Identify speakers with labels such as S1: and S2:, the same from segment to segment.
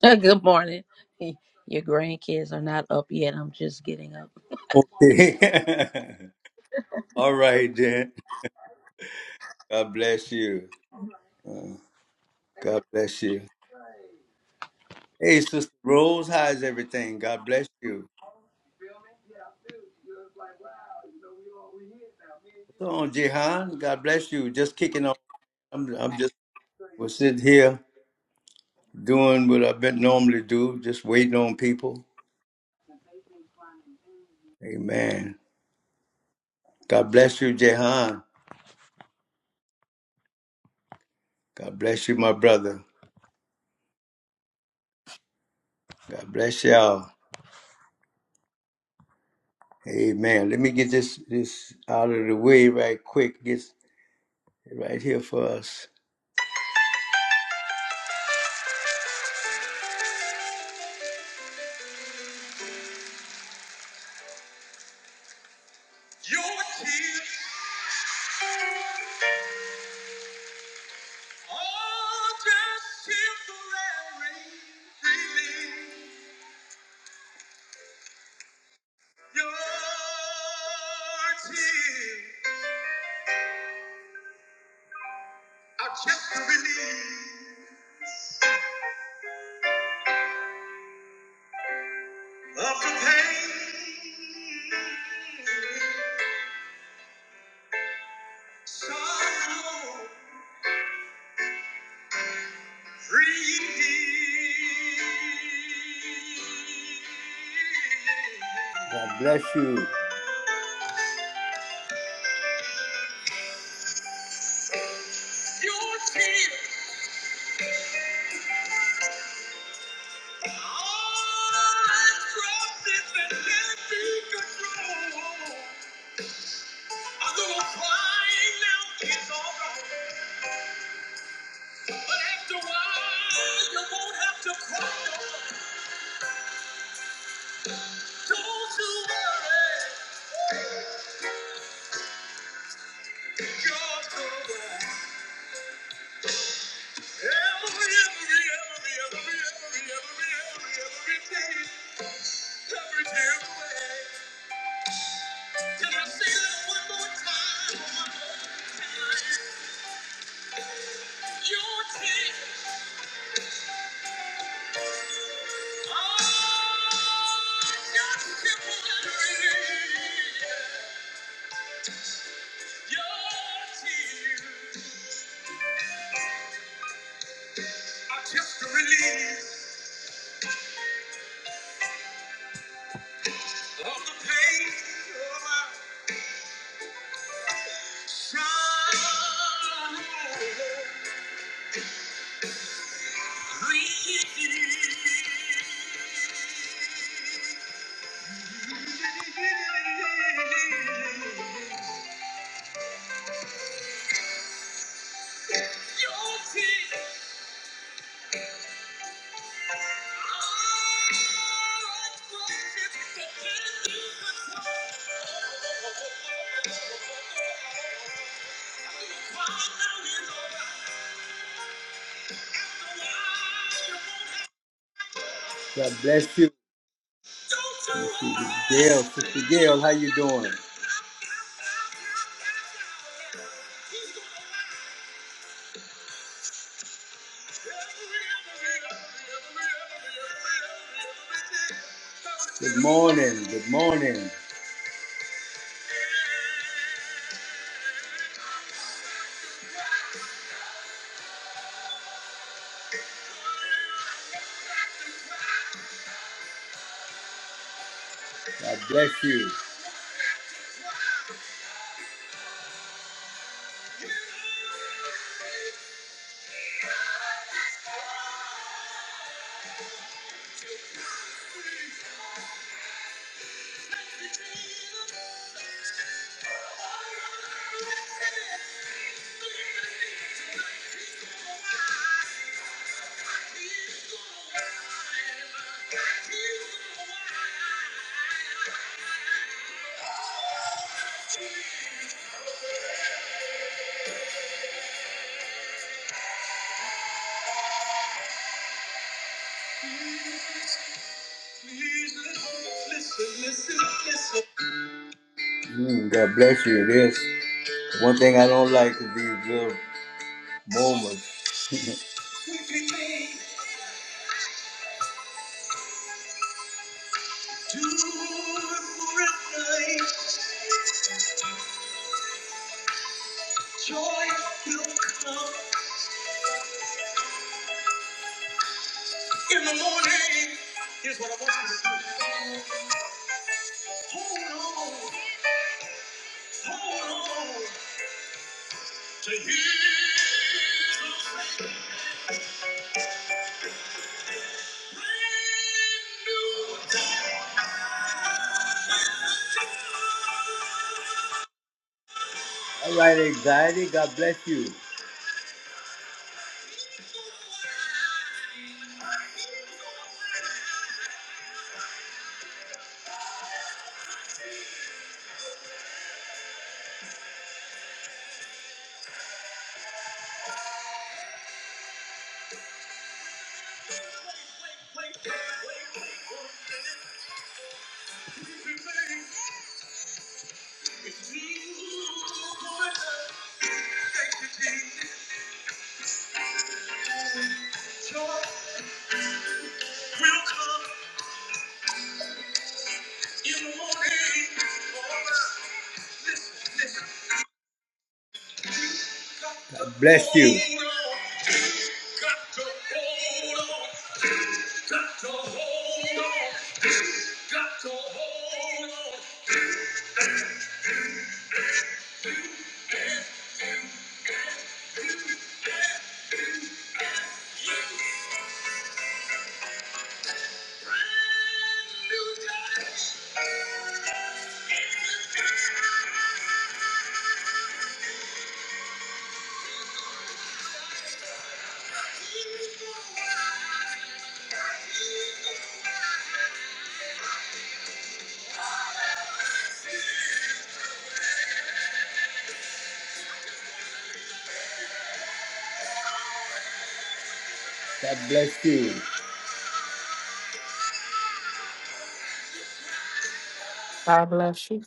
S1: Good morning. Your grandkids are not up yet. I'm just getting up.
S2: God bless you.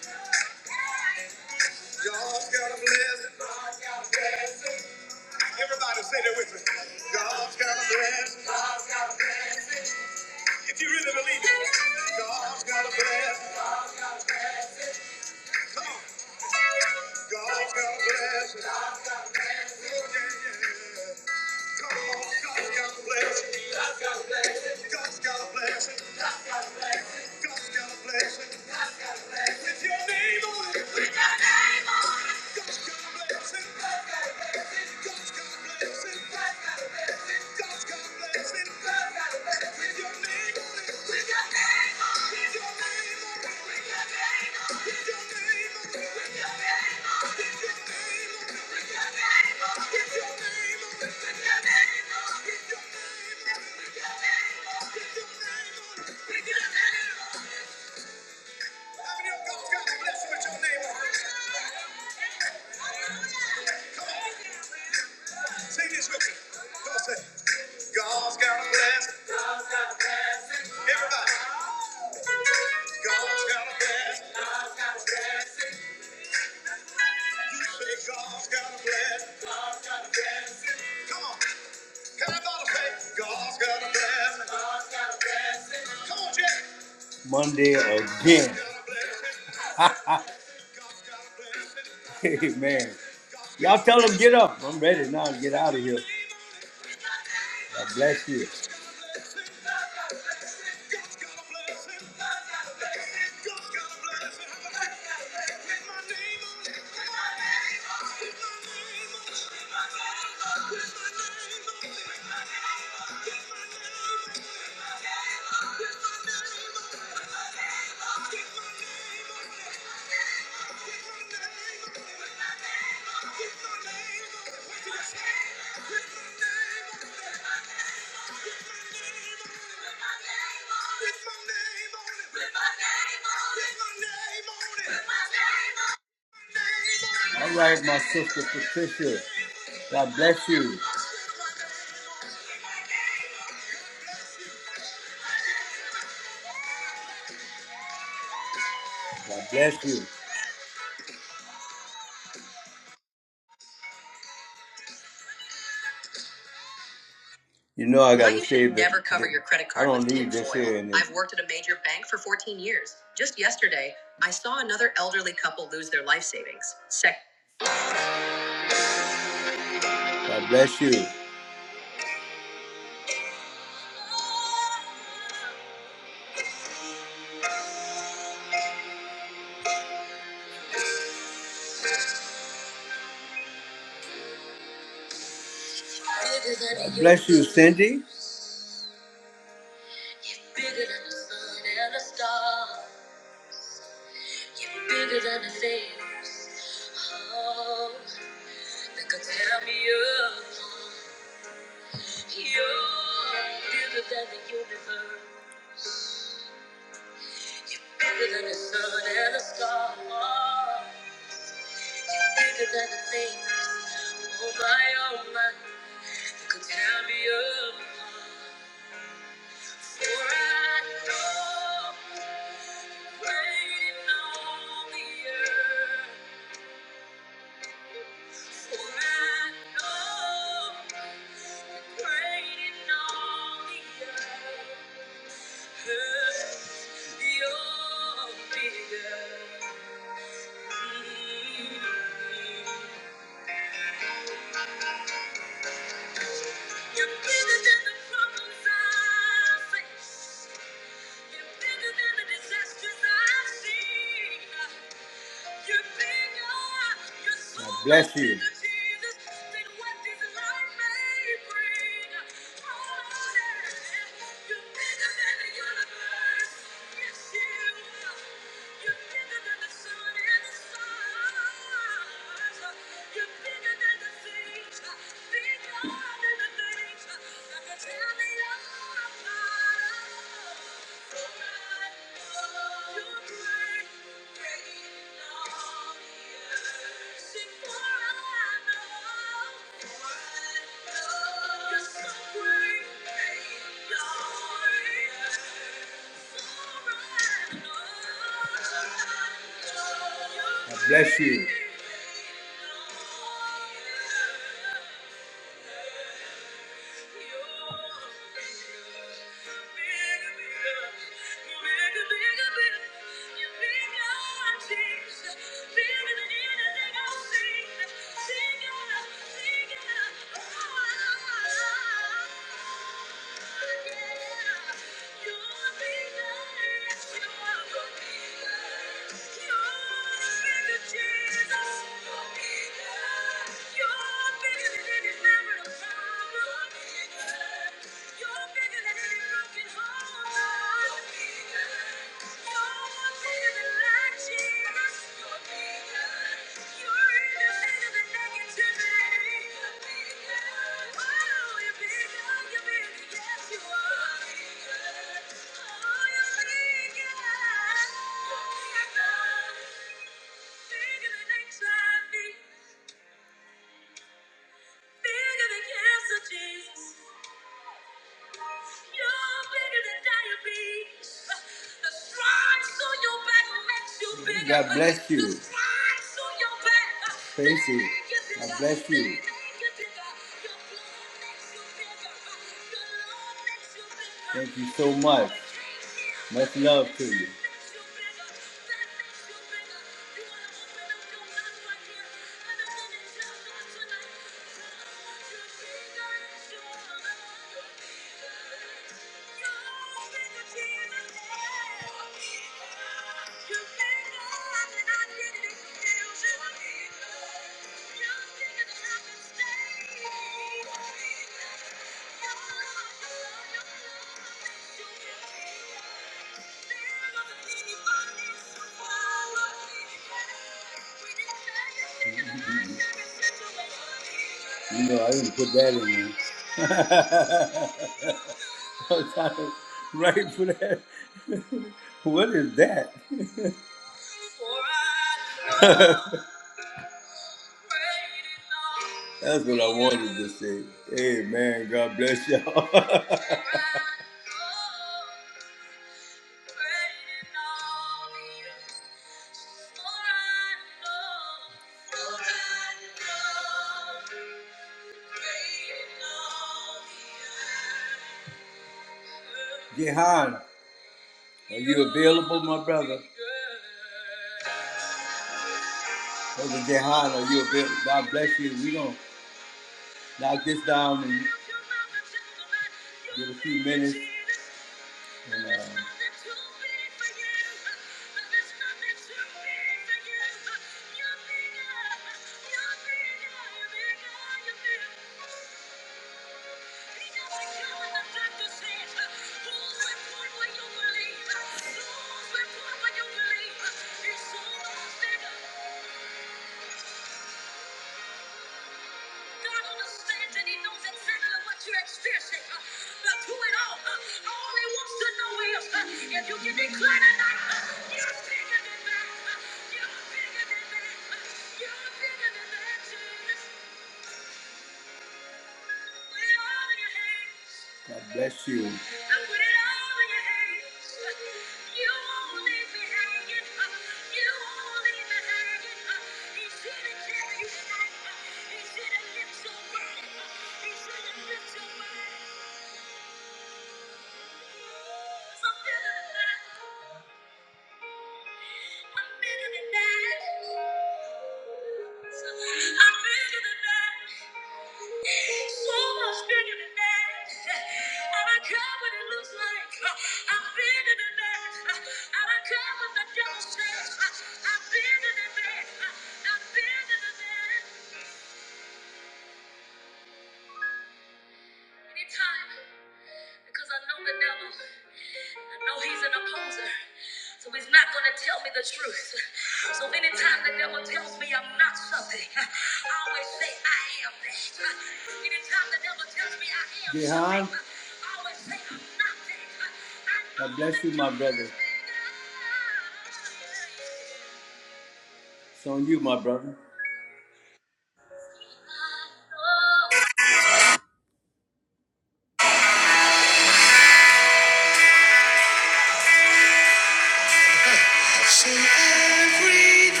S3: So everything,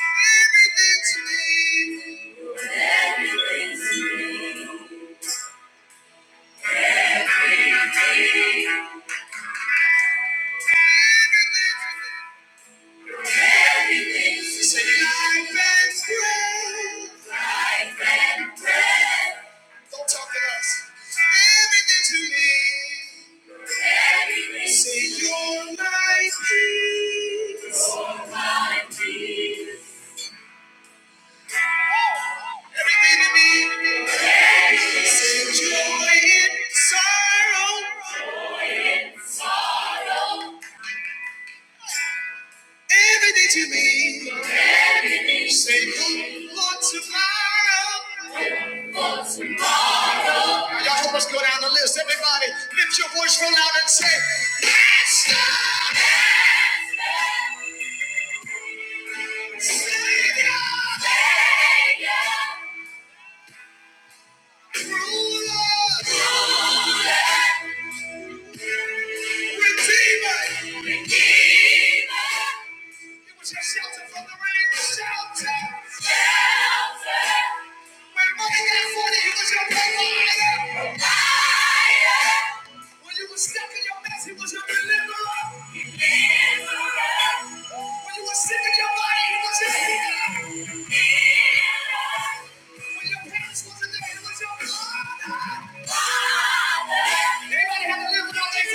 S3: everything to me, everything everything to me. Say life and breath. Life and breath. Don't talk to us. Everything to me. Everything. Say your life, please. Your life, please. Everything to me. Say joy in sorrow. joy in sorrow. Everything to me. Everything. Say hope for tomorrow. for tomorrow. Now y'all help us go down the list. Everybody, lift your voice real loud and say, Master. Master. Savior. Savior. When your parents wasn't there, it was your God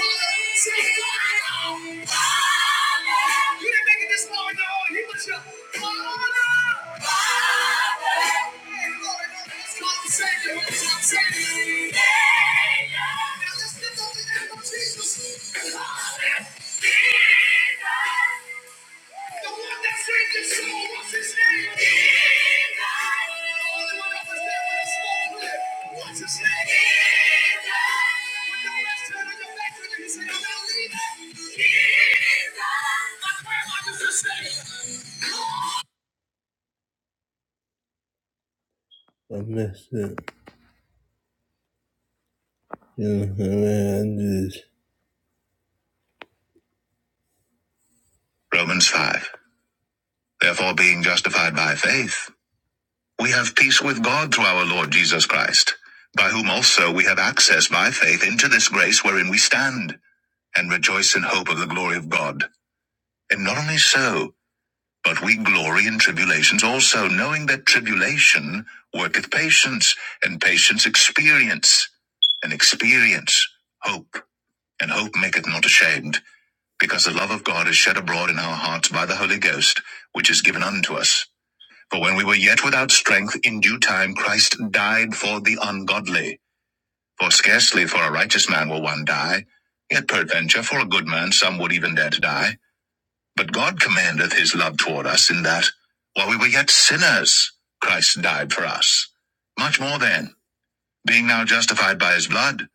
S3: father. You didn't make it this long, no. He was your father. Father. Hey, Now let's lift up the name of Jesus. Father. Jesus. The one that saved his soul, what's his name? Jesus. The only one that was there when it spoke clear. What's his name? Jesus. When the rest turned on your back, look at you and I'm not leaving. Jesus. My grandma used to say, I messed it. You know, I mean, I just... Romans 5. Therefore, being justified by faith. We have peace with God through our Lord Jesus Christ, by whom also we have access by faith into this grace wherein we stand, and rejoice in hope of the glory of God. And not only so, but we glory in tribulations also, knowing that tribulation worketh patience, and patience experience, and experience hope, and hope maketh not ashamed, because the love of God is shed abroad in our hearts by the Holy Ghost, which is given unto us. For when we were yet without strength, in due time Christ died for the ungodly. For scarcely for a righteous man will one die, yet peradventure for a good man some would even dare to die. But God commandeth his love toward us in that, while we were yet sinners, Christ died for us. Much more then, being now justified by his blood,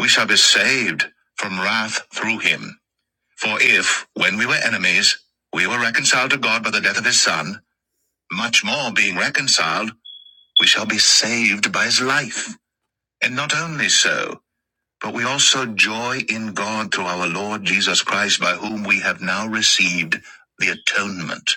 S3: we shall be saved from wrath through him. For if, when we were enemies, we were reconciled to God by the death of his Son, much more being reconciled, we shall be saved by his life. And not only so, but we also joy in God through our Lord Jesus Christ, by whom we have now received the atonement.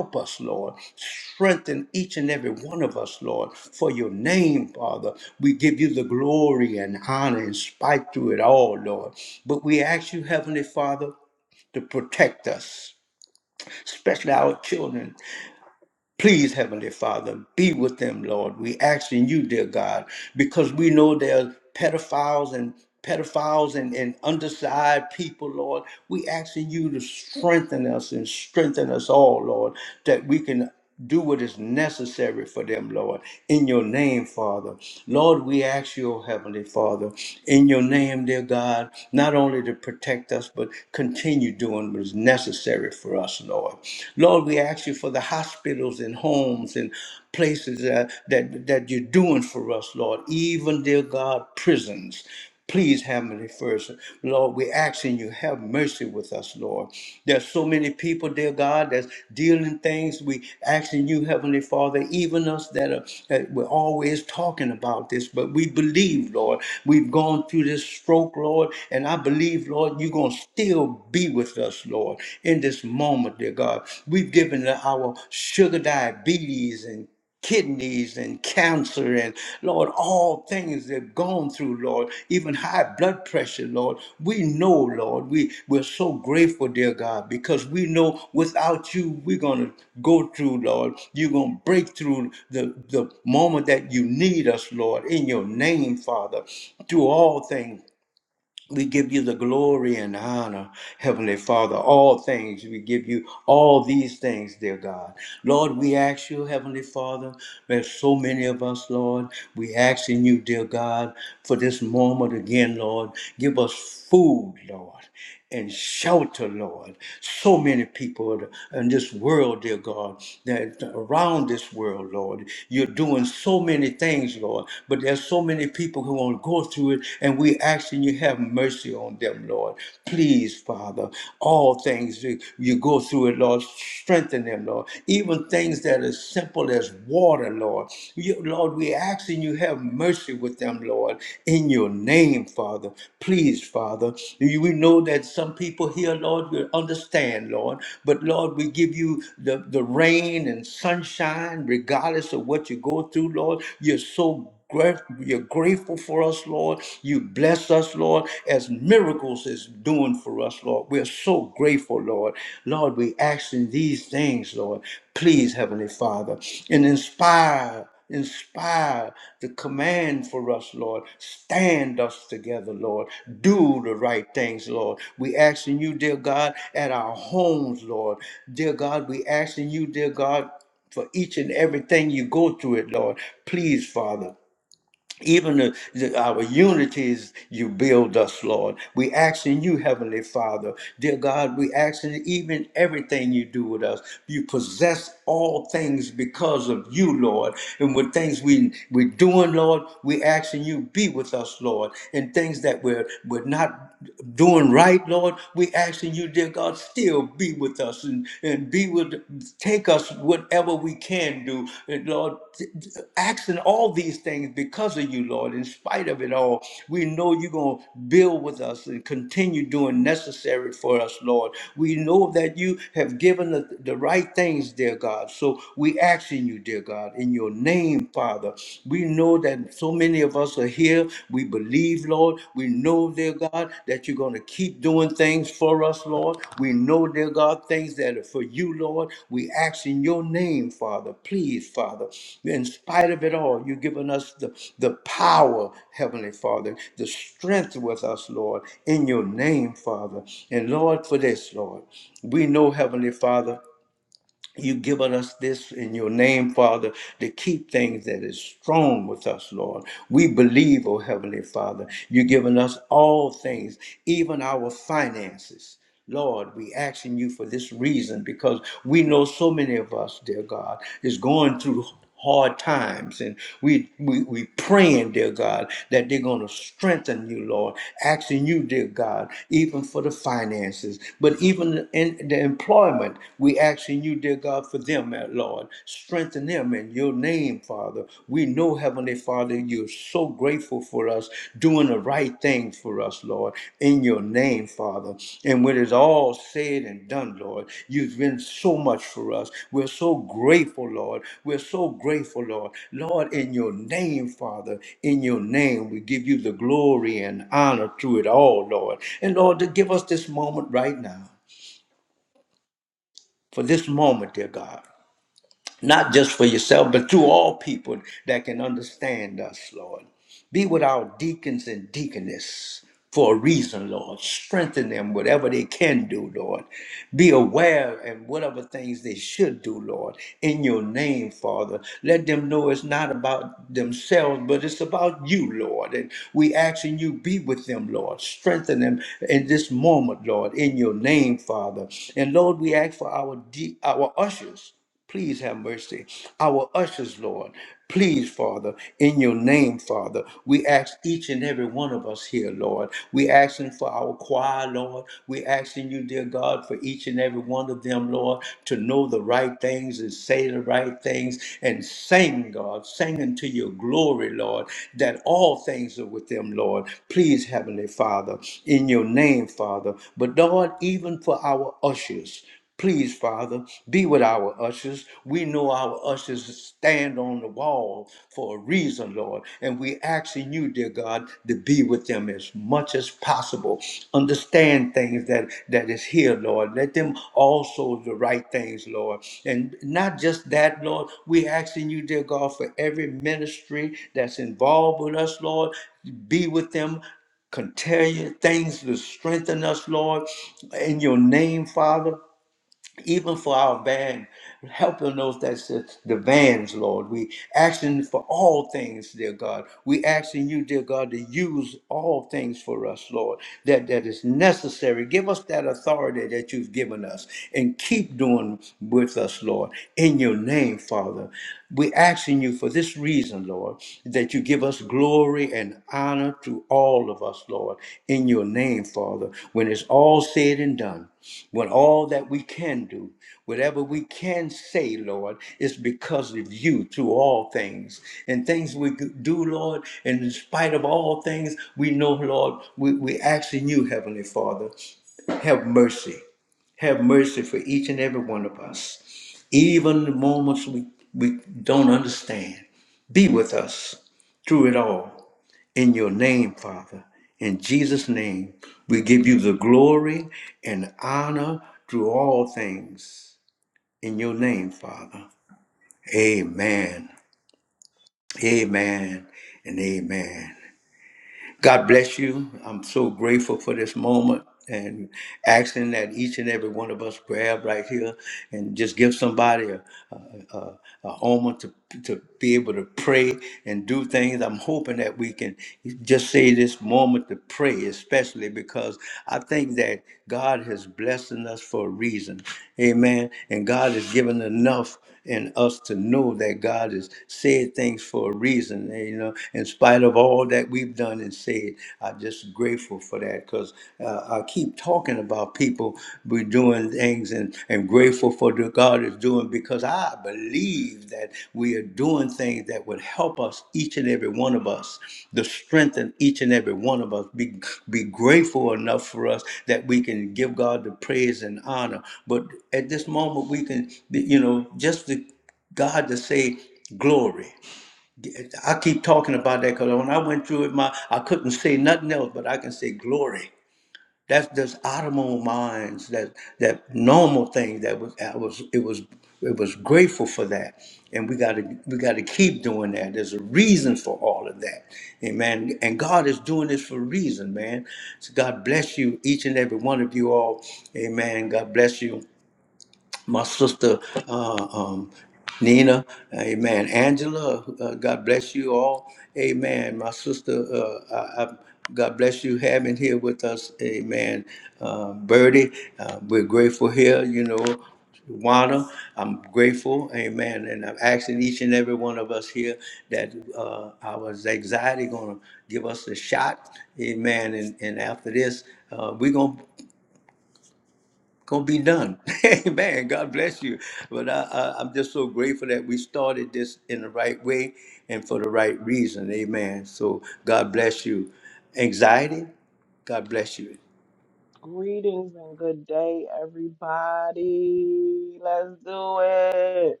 S2: Greetings and good day, everybody. Let's do it.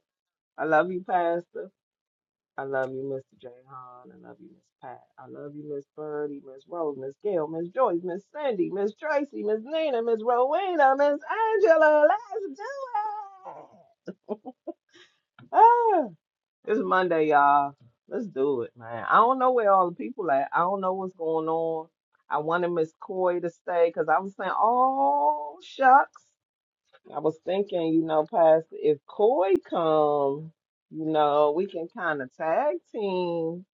S2: I love you, Pastor. I love you, Mr. J. Hahn. I love you, Miss Pat. I love you, Miss Birdie, Miss Rose, Miss Gail, Miss Joyce, Miss Cindy, Miss Tracy, Miss Nina, Miss Rowena, Miss Angela. Let's do it. Ah. It's Monday, y'all. Let's do it, man. I don't know where all the people at. I don't know what's going on. I wanted Miss Coy to stay because I was saying, oh shucks. I was thinking, you know, Pastor, if Coy come, you know, we can kind of tag team.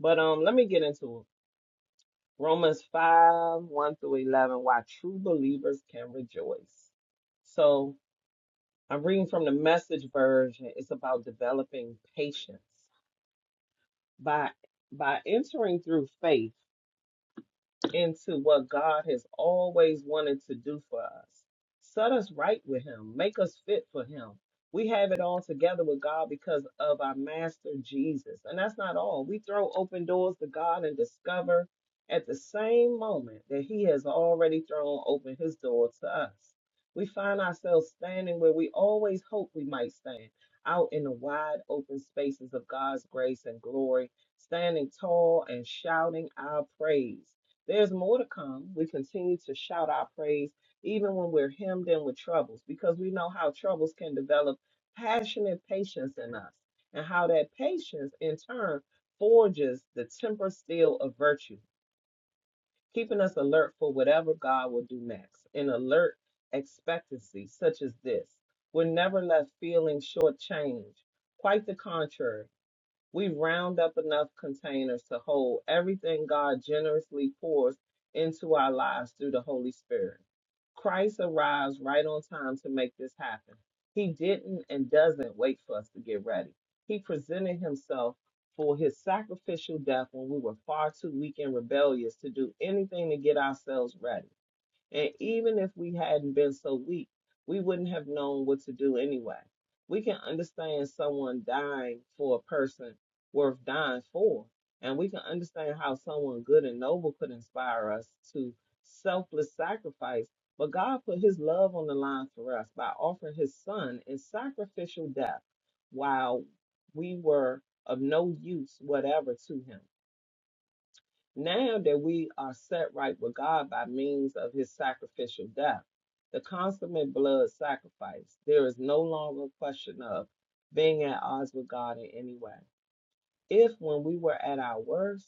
S2: But um, let me get into it. Romans five one through eleven, why true believers can rejoice. So I'm reading from the Message version. It's about developing patience. by by entering through faith into what God has always wanted to do for us. Set us right with Him, make us fit for Him. We have it all together with God because of our Master Jesus. And that's not all. We throw open doors to God and discover at the same moment that He has already thrown open His door to us. We find ourselves standing where we always hoped we might stand, out in the wide open spaces of God's grace and glory, standing tall and shouting our praise there's more to come. We continue to shout our praise even when we're hemmed in with troubles because we know how troubles can develop passionate patience in us and how that patience in turn forges the temper steel of virtue, keeping us alert for whatever God will do next. An alert expectancy such as this. We're never left feeling shortchanged. Quite the contrary. We round up enough containers to hold everything God generously pours into our lives through the Holy Spirit. Christ arrives right on time to make this happen. He didn't and doesn't wait for us to get ready. He presented himself for his sacrificial death when we were far too weak and rebellious to do anything to get ourselves ready. And even if we hadn't been so weak, we wouldn't have known what to do anyway. We can understand someone dying for a person worth dying for. And we can understand how someone good and noble could inspire us to selfless sacrifice. But God put his love on the line for us by offering his son in sacrificial death while we were of no use whatever to him. Now that we are set right with God by means of his sacrificial death, the consummate blood sacrifice, there is no longer a question of being at odds with God in any way. If when we were at our worst,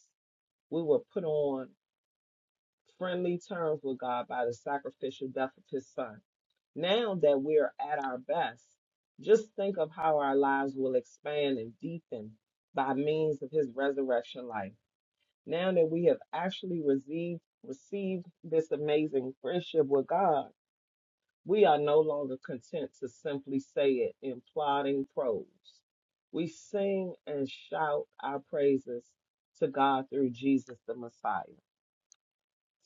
S2: we were put on friendly terms with God by the sacrificial death of his son, now that we're at our best, just think of how our lives will expand and deepen by means of his resurrection life. Now that we have actually received received this amazing friendship with God, we are no longer content to simply say it in plodding prose. We sing and shout our praises to God through Jesus the Messiah.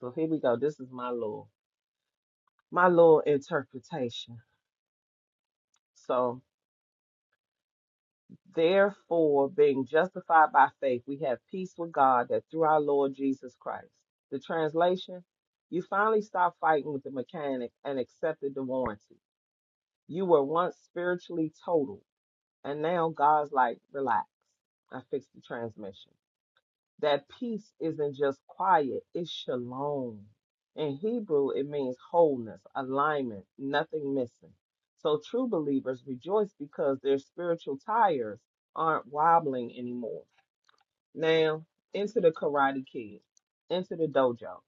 S2: So here we go. This is my little my little interpretation. So Therefore, being justified by faith, we have peace with God that through our Lord Jesus Christ. The translation, you finally stopped fighting with the mechanic and accepted the warranty. You were once spiritually total, and now God's like, relax. I fixed the transmission that peace isn't just quiet, it's shalom. In Hebrew, it means wholeness, alignment, nothing missing. So true believers rejoice because their spiritual tires aren't wobbling anymore. Now, into the Karate Kid, into the dojo.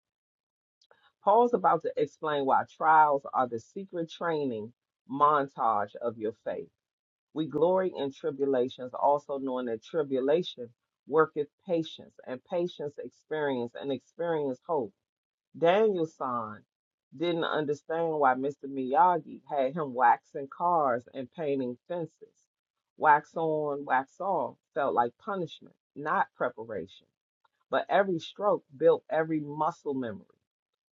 S2: Paul's about to explain why trials are the secret training montage of your faith. We glory in tribulations, also knowing that tribulation worketh patience, and patience experience, and experience hope. Daniel's son didn't understand why Mr. Miyagi had him waxing cars and painting fences. Wax on, wax off felt like punishment, not preparation. But every stroke built every muscle memory.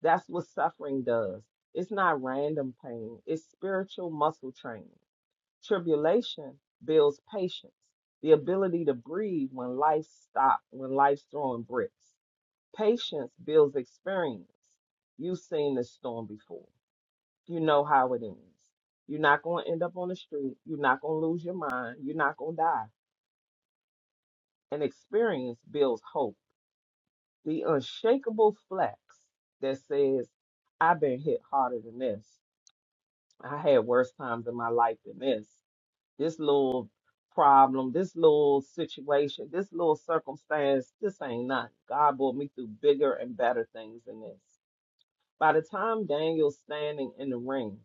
S2: That's what suffering does. It's not random pain, it's spiritual muscle training. Tribulation builds patience, the ability to breathe when life stops, when life's throwing bricks. Patience builds experience. You've seen this storm before. You know how it ends. You're not going to end up on the street. You're not going to lose your mind. You're not going to die. And experience builds hope. The unshakable flex that says, I've been hit harder than this. I had worse times in my life than this. This little problem, this little situation, this little circumstance, this ain't nothing. God brought me through bigger and better things than this. By the time Daniel's standing in the ring,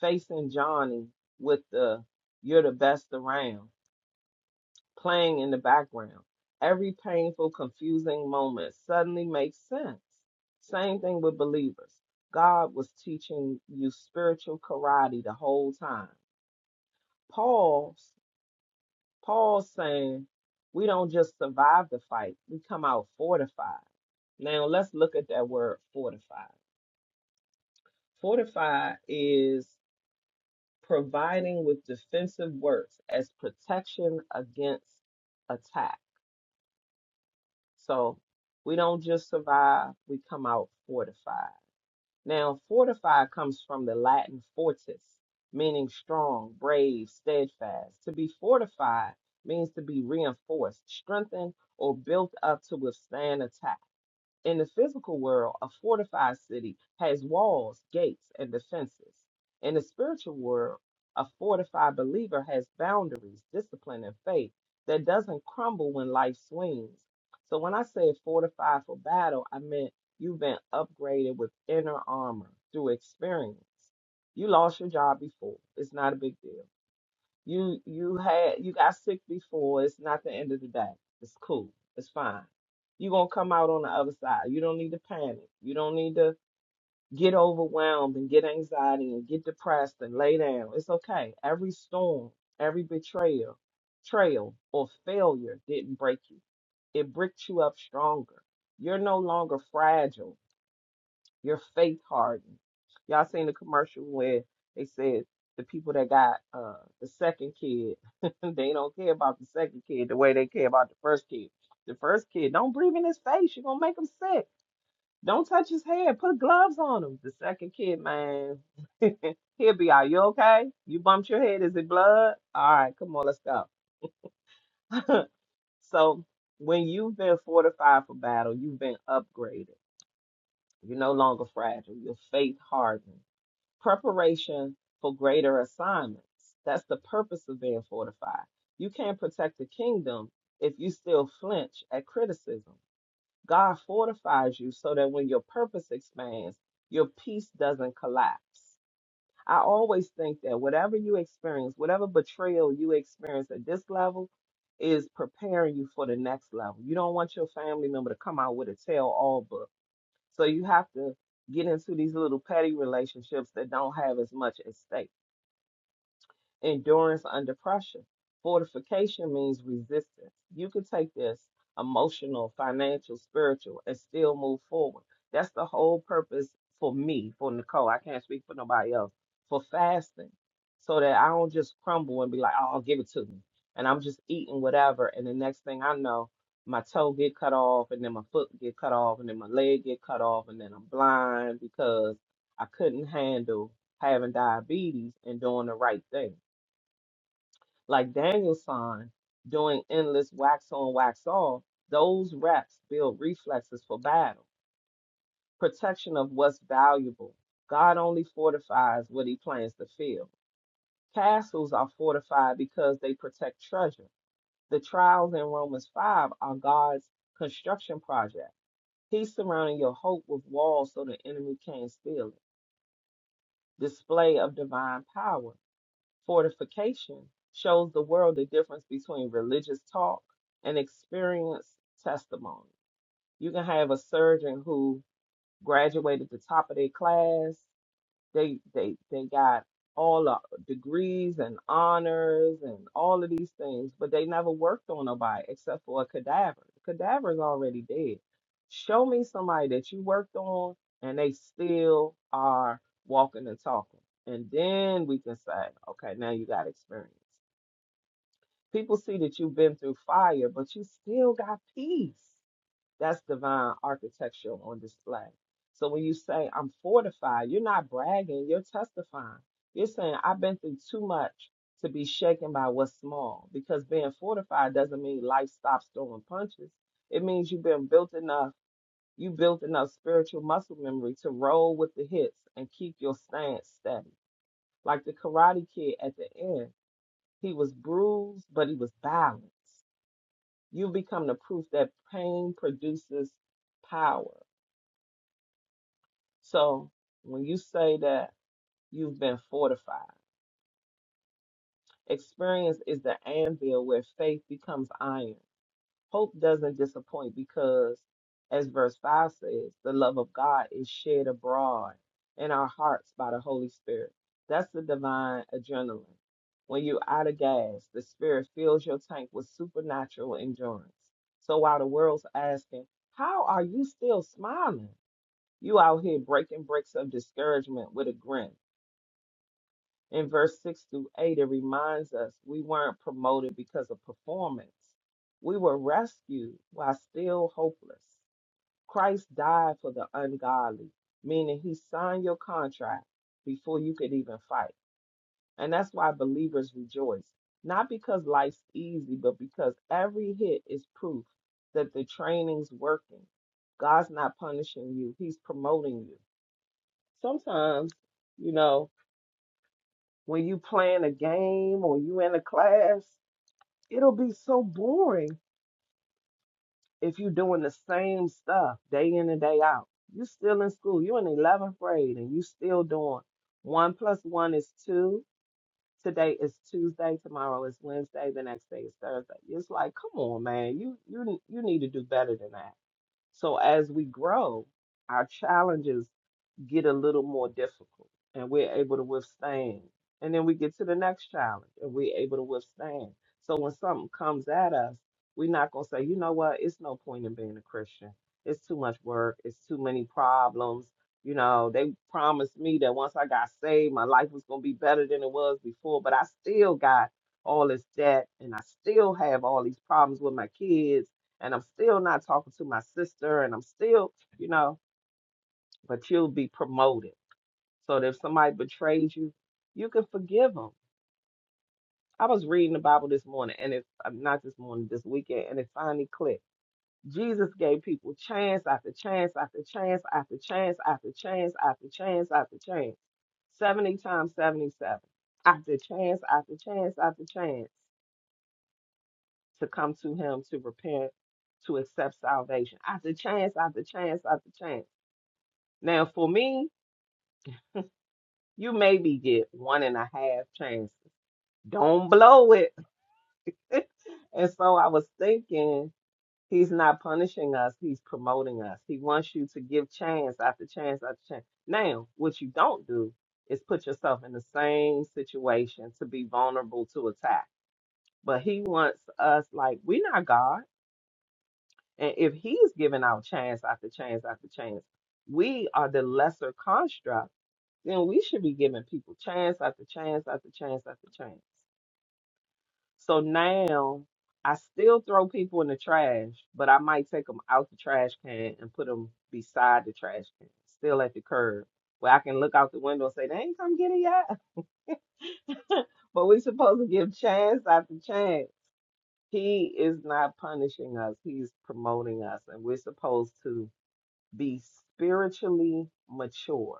S2: facing Johnny with the you're the best around, playing in the background, every painful, confusing moment suddenly makes sense. Same thing with believers. God was teaching you spiritual karate the whole time. Paul Paul's saying we don't just survive the fight, we come out fortified. Now let's look at that word fortified. Fortify is providing with defensive works as protection against attack. So we don't just survive, we come out fortified. Now, fortify comes from the Latin fortis, meaning strong, brave, steadfast. To be fortified means to be reinforced, strengthened, or built up to withstand attack. In the physical world, a fortified city has walls, gates, and defenses. In the spiritual world, a fortified believer has boundaries, discipline, and faith that doesn't crumble when life swings. So when I say fortified for battle, I meant you've been upgraded with inner armor through experience. You lost your job before. It's not a big deal. You you had you got sick before. It's not the end of the day. It's cool. It's fine. You're gonna come out on the other side. You don't need to panic. You don't need to get overwhelmed and get anxiety and get depressed and lay down. It's okay. Every storm, every betrayal, trail, or failure didn't break you. It bricked you up stronger. You're no longer fragile. Your faith hardened. Y'all seen the commercial where they said the people that got uh the second kid, they don't care about the second kid the way they care about the first kid. The first kid, don't breathe in his face. You're gonna make him sick. Don't touch his hair. Put gloves on him. The second kid, man, he'll be out. You okay? You bumped your head. Is it blood? All right, come on, let's go. So when you've been fortified for battle, you've been upgraded. You're no longer fragile. Your faith hardened. preparation for greater assignments. That's the purpose of being fortified. You can't protect the kingdom if you still flinch at criticism. God fortifies you so that when your purpose expands, your peace doesn't collapse. I always think that whatever you experience, whatever betrayal you experience at this level, is preparing you for the next level. You don't want your family member to come out with a tell all book so you have to get into these little petty relationships that don't have as much at stake endurance under pressure. Fortification means resistance. You can take this emotional, financial, spiritual, and still move forward. That's the whole purpose for me, for Nicole. I can't speak for nobody else. For fasting, so that I don't just crumble and be like, "Oh, give it to me," and I'm just eating whatever. And the next thing I know, my toe get cut off, and then my foot get cut off, and then my leg get cut off, and then I'm blind because I couldn't handle having diabetes and doing the right thing like Danielson doing endless wax on, wax off, those reps build reflexes for battle, protection of what's valuable. God only fortifies what he plans to fill. Castles are fortified because they protect treasure. The trials in Romans 5 are God's construction project. He's surrounding your hope with walls so the enemy can't steal it. Display of divine power. Fortification shows the world the difference between religious talk and experienced testimony. You can have a surgeon who graduated the top of their class they they they got all the degrees and honors and all of these things, but they never worked on nobody except for a cadaver. The cadaver's already dead. Show me somebody that you worked on and they still are walking and talking. And then we can say, okay, now you got experience. People see that you've been through fire, but you still got peace. That's divine architecture on display. So when you say I'm fortified, you're not bragging, you're testifying. You're saying I've been through too much to be shaken by what's small because being fortified doesn't mean life stops throwing punches. It means you've been built enough, you built enough spiritual muscle memory to roll with the hits and keep your stance steady. Like the karate kid at the end, he was bruised, but he was balanced. You become the proof that pain produces power. So when you say that you've been fortified, experience is the anvil where faith becomes iron. Hope doesn't disappoint because, as verse 5 says, the love of God is shed abroad in our hearts by the Holy Spirit. That's the divine adrenaline. When you're out of gas, the Spirit fills your tank with supernatural endurance. So while the world's asking, How are you still smiling? You out here breaking bricks of discouragement with a grin In verse 6 through 8, it reminds us we weren't promoted because of performance. We were rescued while still hopeless. Christ died for the ungodly, meaning he signed your contract before you could even fight. And that's why believers rejoice, not because life's easy, but because every hit is proof that the training's working. God's not punishing you, he's promoting you. Sometimes, you know, when you playing a game or you in a class, it'll be so boring if you doing the same stuff day in and day out. you still in school. You're in 11th grade and you still doing one plus one is two. Today is Tuesday. Tomorrow is Wednesday. The next day is Thursday. It's like, come on, man. You you you need to do better than that. So as we grow, our challenges get a little more difficult and we're able to withstand. And then we get to the next challenge and we're able to withstand. So when something comes at us, we're not going to say, you know what, it's no point in being a Christian. It's too much work. It's too many problems. You know, they promised me that once I got saved, my life was going to be better than it was before, but I still got all this debt and I still have all these problems with my kids and I'm still not talking to my sister, and I'm still, you know, but you'll be promoted. So that if somebody betrays you, you can forgive them. I was reading the Bible this morning, and it's uh, not this morning, this weekend, and it finally clicked. Jesus gave people chance after chance after chance after chance after chance after chance after chance. 70 times 77, after chance after chance after chance to come to him to repent, to accept salvation, after chance after chance after chance. Now, for me, you maybe get one and a half chances. Don't blow it. and so I was thinking, he's not punishing us, he's promoting us. He wants you to give chance after chance after chance. Now, what you don't do is put yourself in the same situation to be vulnerable to attack. But he wants us, like, we're not God. And if he's giving out chance after chance after chance, we are the lesser construct then we should be giving people chance after chance after chance after chance. So now I still throw people in the trash, but I might take them out the trash can and put them beside the trash can, still at the curb, where I can look out the window and say, they ain't come get it yet. But we are supposed to give chance after chance. He is not punishing us, he's promoting us, and we're supposed to be spiritually mature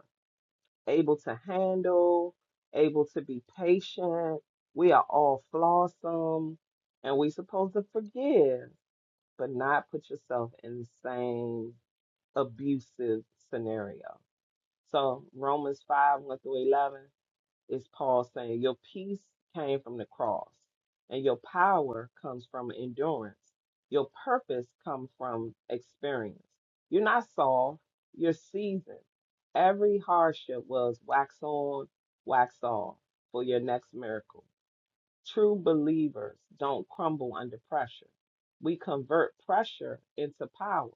S2: able to handle, able to be patient. We are all flawsome and we supposed to forgive, but not put yourself in the same abusive scenario. So Romans 5, 1 through 11, is Paul saying. Your peace came from the cross, and your power comes from endurance. Your purpose comes from experience. You're not Saul, you're seasoned. Every hardship was wax on, wax off for your next miracle. True believers don't crumble under pressure. We convert pressure into power.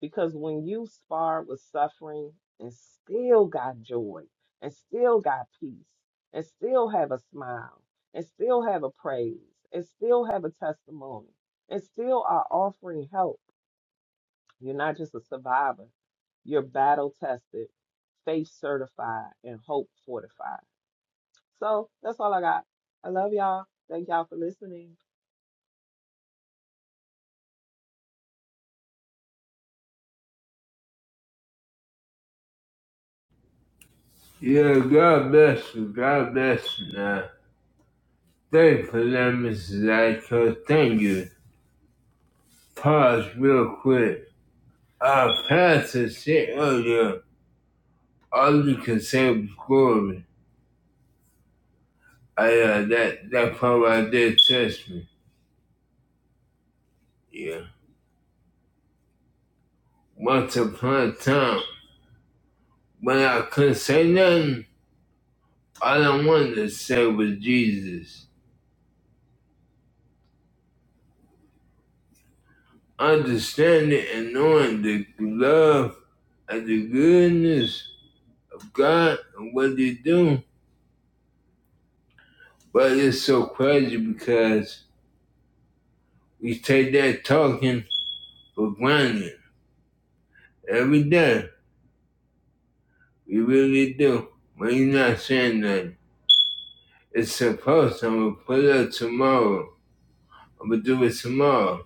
S2: Because when you sparred with suffering and still got joy and still got peace and still have a smile and still have a praise and still have a testimony and still are offering help, you're not just a survivor. You're battle tested, faith certified, and hope fortified. So that's all I got. I love y'all. Thank y'all for listening.
S3: Yeah, God bless you. God bless you now. Thank you for that, Mrs. Zyko. Thank you. Pause real quick. Uh, Pastor said earlier all you can say was glory. I, uh, that, that part right there touched me. Yeah. Once upon a time, when I couldn't say nothing, all I wanted to say was Jesus. Understanding and knowing the love and the goodness of God and what they do. But it's so crazy because we take that talking for granted every day. We really do. When you're not saying nothing. It's supposed I'm gonna put it up tomorrow. I'm gonna do it tomorrow.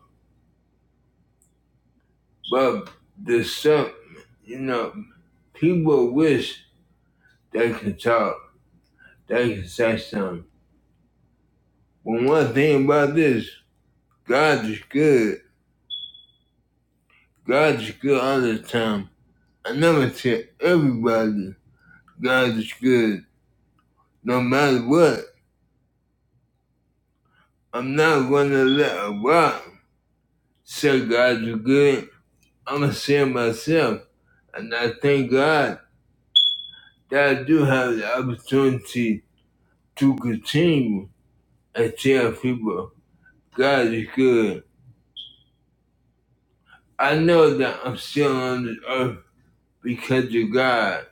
S3: But the stuff you know, people wish they could talk, they could say something. But one thing about this, God is good. God is good all the time. I never tell everybody God is good, no matter what. I'm not gonna let a rock say God is good. I'm gonna say it myself, and I thank God that I do have the opportunity to continue and tell people God is good. I know that I'm still on this earth because of God.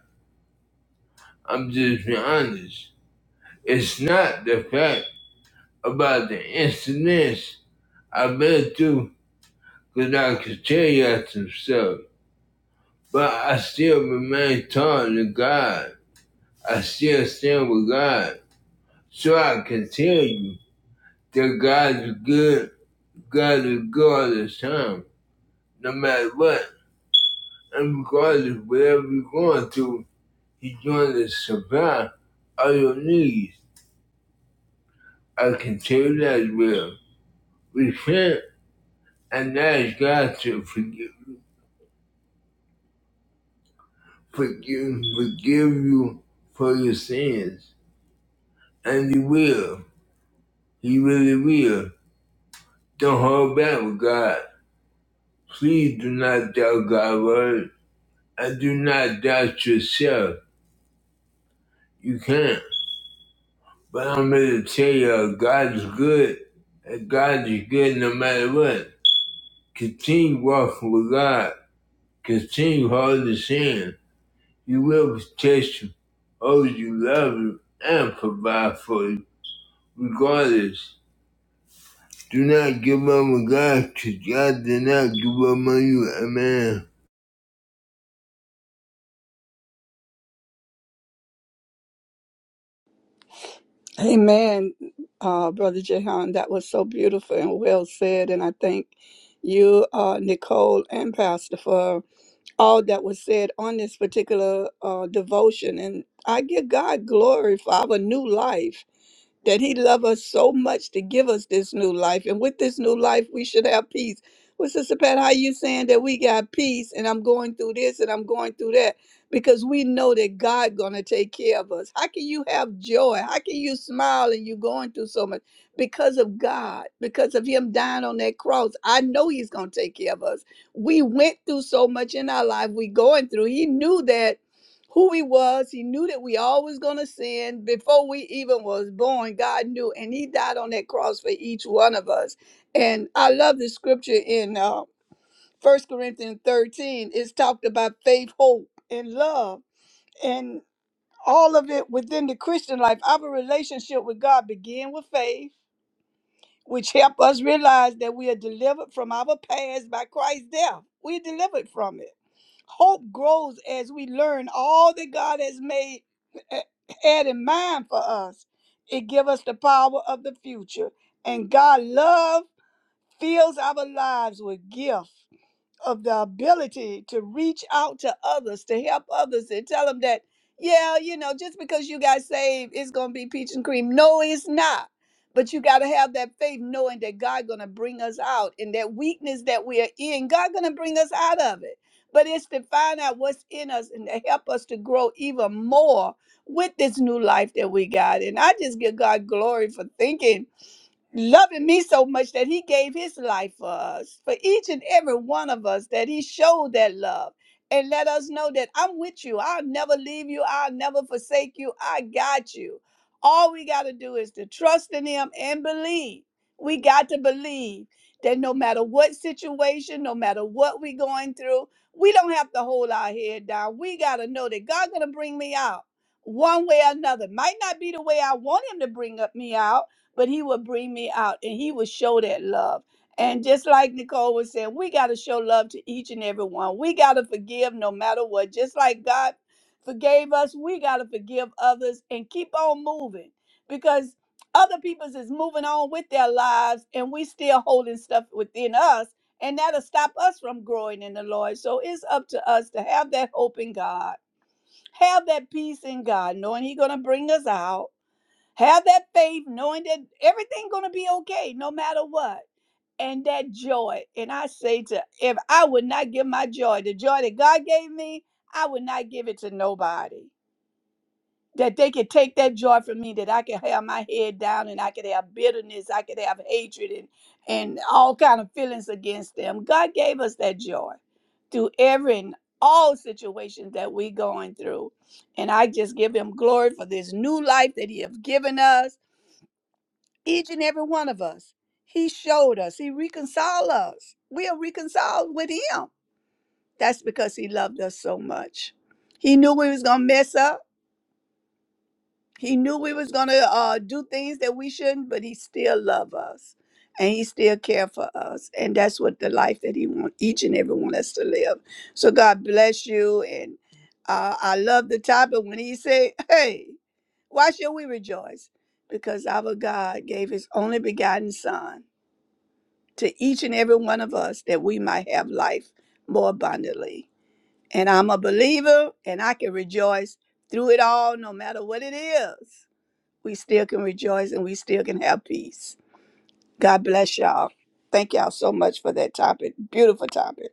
S3: I'm just being honest. It's not the fact about the incidents I've been through because I can tell you that some stuff. But I still remain tall to God. I still stand with God. So I can tell you that God is good gotta go all the time, no matter what. And regardless, of whatever you're going through, you're going to survive all your needs. I can tell you that as well. Repent and ask God to forgive, forgive, forgive you for your sins. And He will. He really will. Don't hold back with God. Please do not doubt God's word and do not doubt yourself. You can't. But I'm here to tell you, God's good. And God is good no matter what. Continue walking with God. Continue holding His hand. He will protect you, hold you, love you, and provide for you, regardless. Do not give up on God, because God did not give up on you. Amen.
S4: Amen, uh, Brother Jehan. That was so beautiful and well said. And I thank you, uh, Nicole and Pastor, for all that was said on this particular uh, devotion. And I give God glory for our new life, that He loved us so much to give us this new life. And with this new life, we should have peace. Well, Sister Pat, how you saying that we got peace and I'm going through this and I'm going through that? Because we know that God gonna take care of us. How can you have joy? How can you smile and you going through so much? Because of God, because of Him dying on that cross. I know He's gonna take care of us we went through so much in our life we going through he knew that who he was he knew that we always gonna sin before we even was born god knew and he died on that cross for each one of us and i love the scripture in uh, 1 corinthians 13 it's talked about faith hope and love and all of it within the christian life our relationship with god began with faith which help us realize that we are delivered from our past by Christ's death. We are delivered from it. Hope grows as we learn all that God has made had in mind for us. It gives us the power of the future, and God's love fills our lives with gift of the ability to reach out to others, to help others, and tell them that, yeah, you know, just because you got saved, it's gonna be peach and cream. No, it's not. But you gotta have that faith, knowing that God gonna bring us out, and that weakness that we are in, God gonna bring us out of it. But it's to find out what's in us and to help us to grow even more with this new life that we got. And I just give God glory for thinking loving me so much that he gave his life for us, for each and every one of us, that he showed that love and let us know that I'm with you. I'll never leave you. I'll never forsake you. I got you. All we got to do is to trust in him and believe. We got to believe that no matter what situation, no matter what we're going through, we don't have to hold our head down. We got to know that God's going to bring me out one way or another. Might not be the way I want him to bring up me out, but he would bring me out and he would show that love. And just like Nicole was saying, we got to show love to each and every one. We got to forgive no matter what. Just like God forgave us, we got to forgive others and keep on moving because other people's is moving on with their lives and we still holding stuff within us and that'll stop us from growing in the Lord. So it's up to us to have that hope in God, have that peace in God, knowing He's going to bring us out have that faith, knowing that everything gonna be okay, no matter what. And that joy. And I say to if I would not give my joy, the joy that God gave me, I would not give it to nobody. That they could take that joy from me, that I could have my head down and I could have bitterness, I could have hatred and and all kind of feelings against them. God gave us that joy through every and all situations that we going through. And I just give him glory for this new life that he have given us each and every one of us. He showed us, He reconciled us. We are reconciled with Him. That's because He loved us so much. He knew we was gonna mess up. He knew we was gonna uh, do things that we shouldn't, but He still loved us, and He still cared for us. And that's what the life that He wants each and every one of us to live. So God bless you, and uh, I love the topic when He said, "Hey, why should we rejoice?" Because our God gave His only begotten Son to each and every one of us that we might have life more abundantly. And I'm a believer and I can rejoice through it all, no matter what it is. We still can rejoice and we still can have peace. God bless y'all. Thank y'all so much for that topic. Beautiful topic.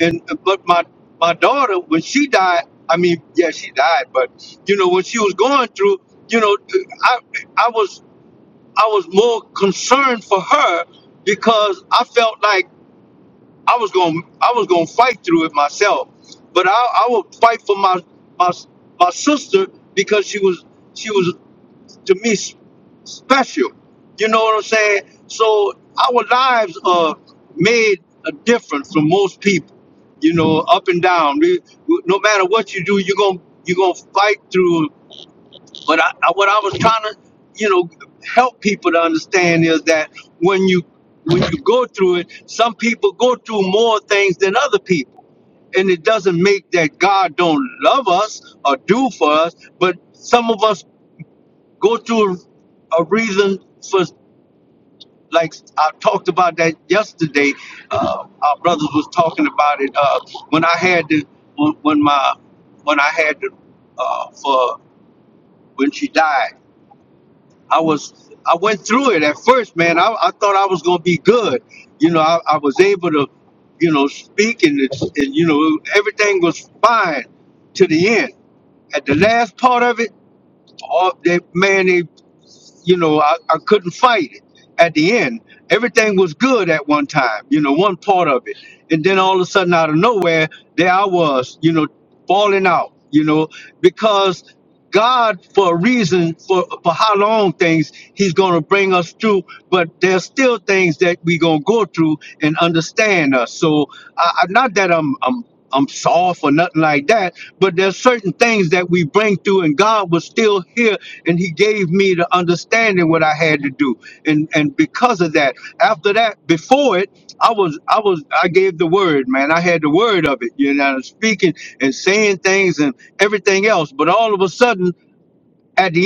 S5: and uh, but my my daughter when she died i mean yeah she died but you know when she was going through you know uh, i i was i was more concerned for her because i felt like i was going to i was going to fight through it myself but i i would fight for my my my sister because she was she was to me s- special. You know what I'm saying? So our lives are made a difference from most people. You know, up and down. We, we- no matter what you do, you're gonna you're gonna fight through. But I, I, what I was trying to, you know, help people to understand is that when you when you go through it, some people go through more things than other people, and it doesn't make that God don't love us or do for us. But some of us go through a reason for like I talked about that yesterday. Uh, our brothers was talking about it uh, when I had the when, when my when I had the uh, for when she died. I was I went through it at first, man. I, I thought I was gonna be good, you know. I, I was able to, you know, speak and it's, and you know everything was fine to the end. At the last part of it, all that man, they. you know, I, I couldn't fight it at the end. Everything was good at one time, you know, one part of it. And then all of a sudden, out of nowhere, there I was, you know, falling out, you know, because God, for a reason, for, for how long things He's going to bring us through, but there's still things that we going to go through and understand us. So, I, I, not that I'm, I'm, I'm soft or nothing like that, but there's certain things that we bring through, and God was still here and he gave me the understanding what I had to do. And and because of that, after that, before it, I was I was I gave the word, man. I had the word of it, you know, speaking and seeing things and everything else. But all of a sudden, I had to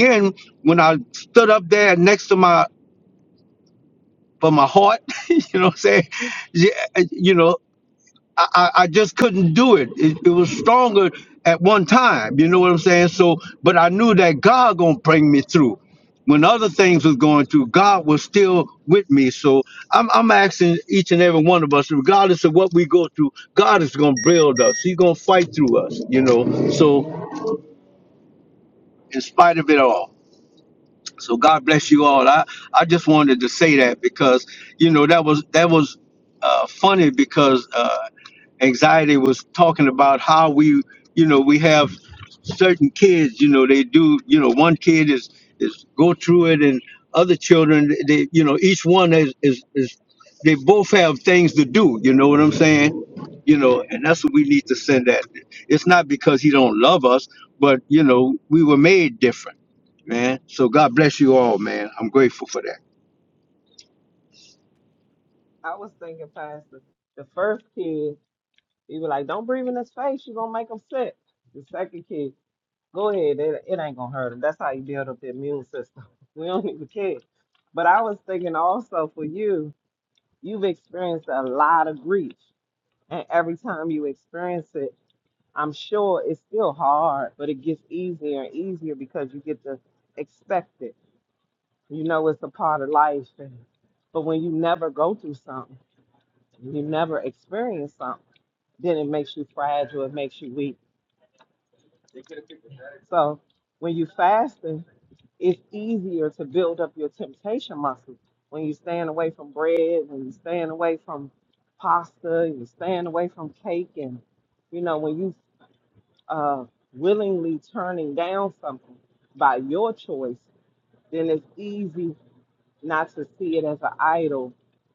S5: it, it was stronger at one time you know what i'm saying so but i knew that god gonna bring me through when other things was going through god was still with me so i'm, I'm asking each and every one of us regardless of what we go through god is gonna build us he's gonna fight through us you know so in spite of it all so god bless you all i i just wanted to say that because you know that was that was uh funny
S2: I was thinking, Pastor, the first kid He was like, don't breathe in his face. You're going to make him sick. The second kid, go ahead. It, it ain't going to hurt him. That's how you build up the immune system. We don't even care. But I was thinking also for you, you've experienced a lot of grief. And every time you experience it, I'm sure it's still hard, but it gets easier and easier because you get to expect it. You know, it's a part of life. And, but when you never go through something, you never experience something, then it makes you fragile, it makes you weak So when you fasting, it's easier to build up your temptation muscles. When you're staying away from bread, when you're staying away from pasta, you're staying away from cake, and you know when you uh, willingly turning down something by your choice, then it's easy not to see it as an idol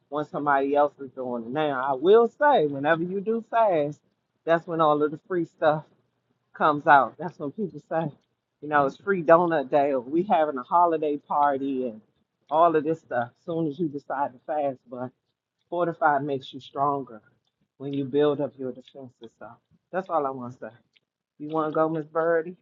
S2: when somebody else is doing it. Now I will say, whenever you do fast, that's when all of the free stuff comes out. That's what people say. You know, it's free donut day or we having a holiday party and all of this stuff soon as you decide to fast, but fortified makes you stronger when you build up your defenses. So that's all I wanna say. You wanna go, Miss Birdie?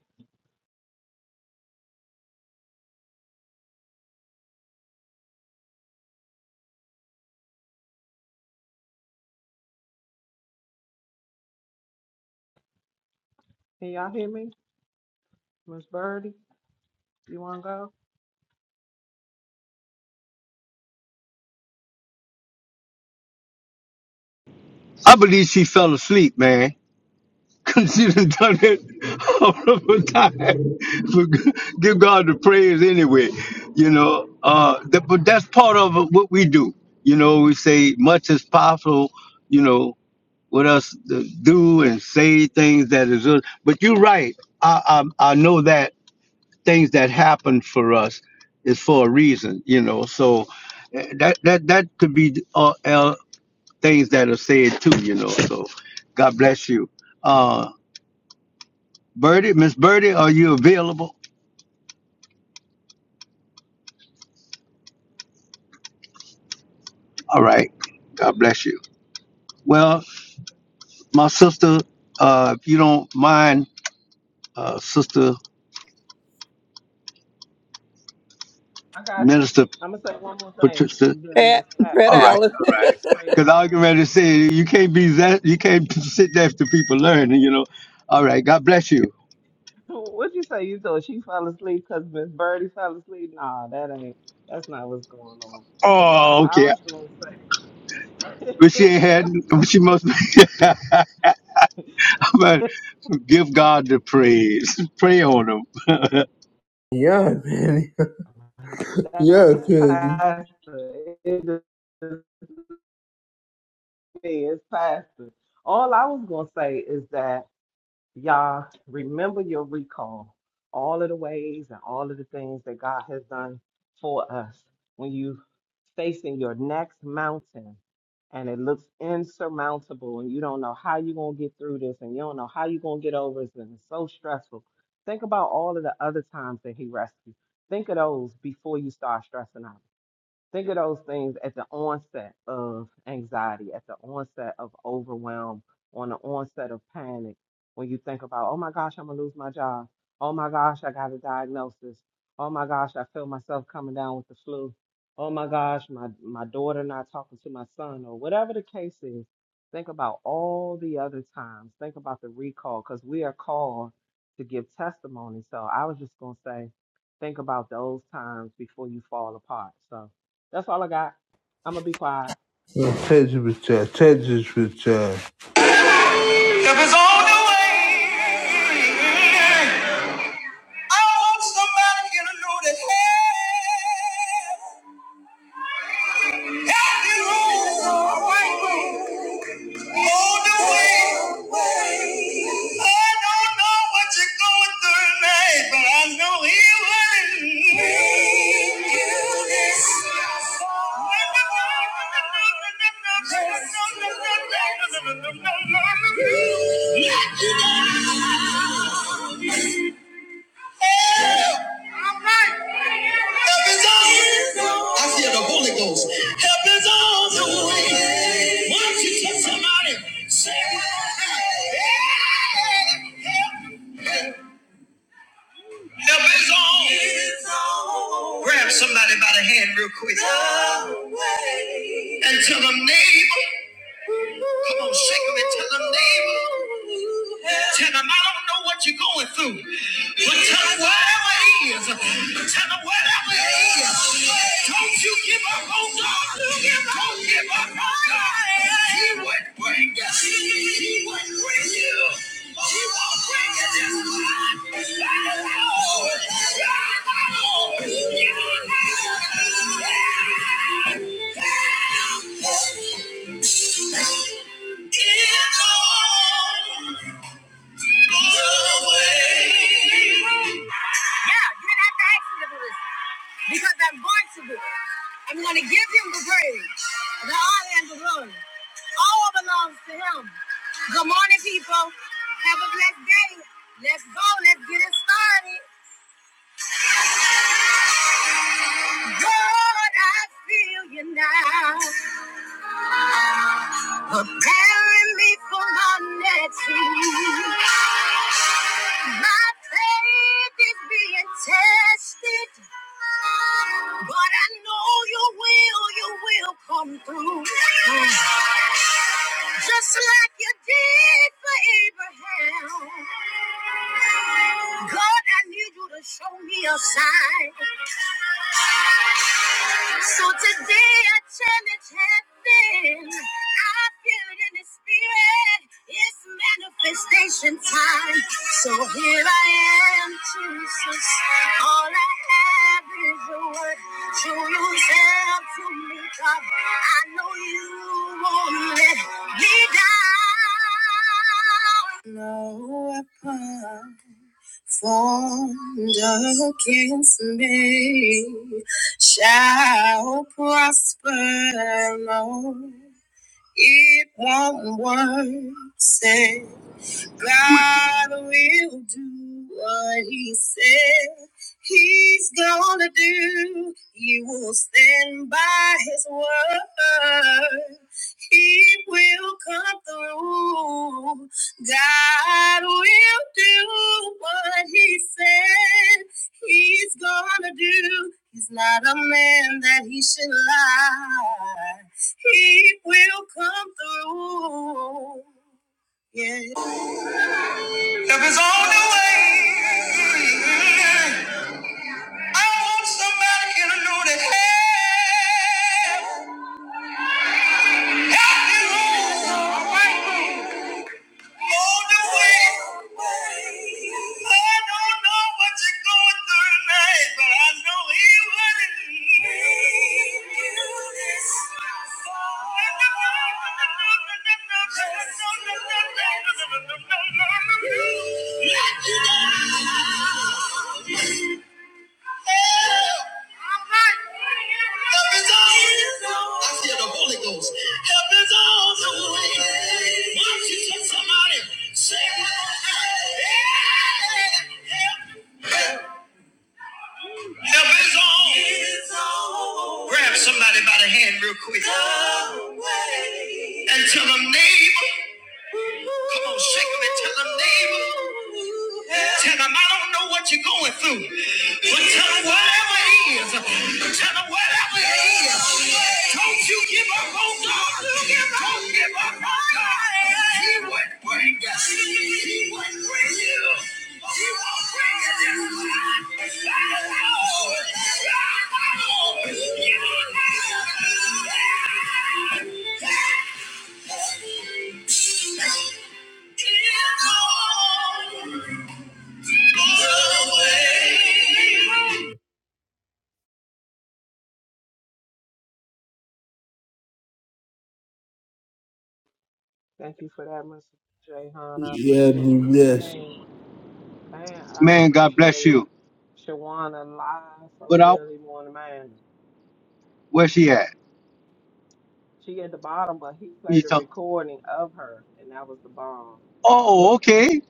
S2: Can y'all hear me? Miss Birdie, you wanna go? I got you. I'm gonna say one more thing
S5: Patricia,
S2: and then
S4: Pat,
S2: Miss Pat
S4: Pat
S5: All
S2: can
S5: right,
S4: Allen.
S5: all right.
S2: pray
S5: Because I
S2: us
S5: was getting ready to say you can't be that you can't sit there after people learn. You know. All right. God bless you.
S2: What'd you say you thought she fell asleep? Cause Miss Birdie fell asleep? Nah, that ain't that's not what's going on. But
S5: Oh,
S2: I
S5: okay.
S2: was gonna say
S5: But she ain't had. She must. Be, but give God the praise. Pray on him,
S3: Yeah, Penny. Yeah,
S2: that's
S3: Penny.
S2: pastor. It is me, it's pastor. All I was gonna say is that Y'all remember your recall, all of the ways and all of the things that God has done for us. When you facing your next mountain and it looks insurmountable and you don't know how you're going to get through this and you don't know how you're going to get over this and it's so stressful. Think about all of the other times that he rescued. Think of those before you start stressing out. Think of those things at the onset of anxiety, at the onset of overwhelm, on the onset of panic. When you think about, oh my gosh, I'm gonna lose my job. Oh my gosh, I got a diagnosis. Oh my gosh, I feel myself coming down with the flu. Oh my gosh, my, my daughter not talking to my son, or whatever the case is. Think about all the other times. Think about the recall, because we are called to give testimony. So I was just gonna say, think about those times before you fall apart. So that's all I got. I'm gonna be quiet.
S3: Touch it with touch. Touch it with touch. It was on the way. I want somebody here to know that hey, every road all the way. I don't know what you're going through tonight, but I know He will. Bring you this far. Let you down. Help is on. I feel the Holy Ghost. Help is on the way. Why you touch somebody? Say, Help is on. Grab somebody by the hand real quick and tell them, neighbor. Come on, shake them and tell them, neighbor. Tell them, I don't know what you're going through, but tell them whatever it is. Tell them whatever it is. Don't you give up on God. Don't give up on God. He would bring you. He would bring you. He won't bring you this time. God knows. God knows. God knows. Yeah, you didn't have to ask me to do this because I'm going to do it. I'm going to give him the praise, the honor, and the glory. All belongs to him. Good morning, people. Have a blessed day. Let's go. Let's get it started. Lord, I feel you now. Preparing me for my next move. My faith is being tested, but I know you will, you will come through. Just like you did for Abraham. God, I need you to show me a sign. So today I challenge heaven. I feel it in the spirit. It's manifestation time. So. Here I am, Jesus. All I have is a word. So you said to me, God, I know you won't let me down. No weapon formed against me shall prosper. No. It won't work. Say, God will do what He said He's gonna do. You will stand by His word. He will come through. God will do what He said. He's gonna do. He's not a man that he should lie. He will come through. Yeah. If it's on the way, I want somebody here to know that help. help you. All right. Mold away. I don't know what you're going through tonight, but I know He wouldn't leave you this Help is on. I feel the Holy Ghost. Help is on the way. Why don't you tell somebody, say, "Yeah, help Help is on. It's on. Grab somebody by the hand real quick. And tell them, neighbor. Come on, shake them and tell them, neighbor. Tell them, I don't know what you're going through. But tell them whatever it is. Tell them whatever it is. Don't you give up on God. Don't give up on God. He would bring us.
S2: Thank you for that, Mr. Jay Hahn. I
S3: Yeah,
S2: appreciate
S3: be
S2: you. And and I
S5: man. God bless
S2: appreciate
S5: you.
S2: Shawana live from
S5: But I,
S2: Daily Morning Man.
S5: where she at?
S2: She at the bottom, but he
S5: You
S2: played a
S5: talk.
S2: recording of her, and that was the bomb.
S5: Oh, okay.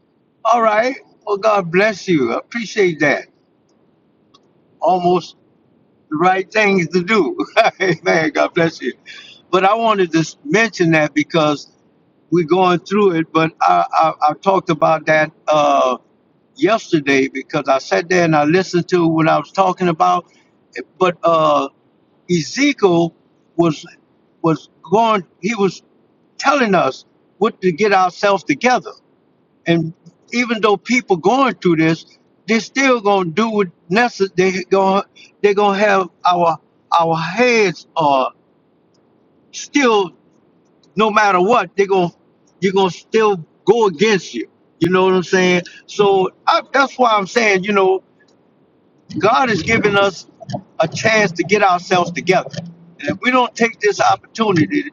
S5: All right. Well, God bless you. I appreciate that. Almost. the right things to do. Amen. God bless you. But I wanted to s- mention that because we're going through it. But I, I, I talked about that uh, yesterday because I sat there and I listened to what I was talking about. But uh, Ezekiel was was going. He was telling us what to get ourselves together. And even though people going through this, they're still gonna do what necessary. They gonna they're gonna have our our heads are still no matter what they're gonna you're gonna still go against you. You know what I'm saying? So I, that's why I'm saying you know God has given us a chance to get ourselves together. And if we don't take this opportunity,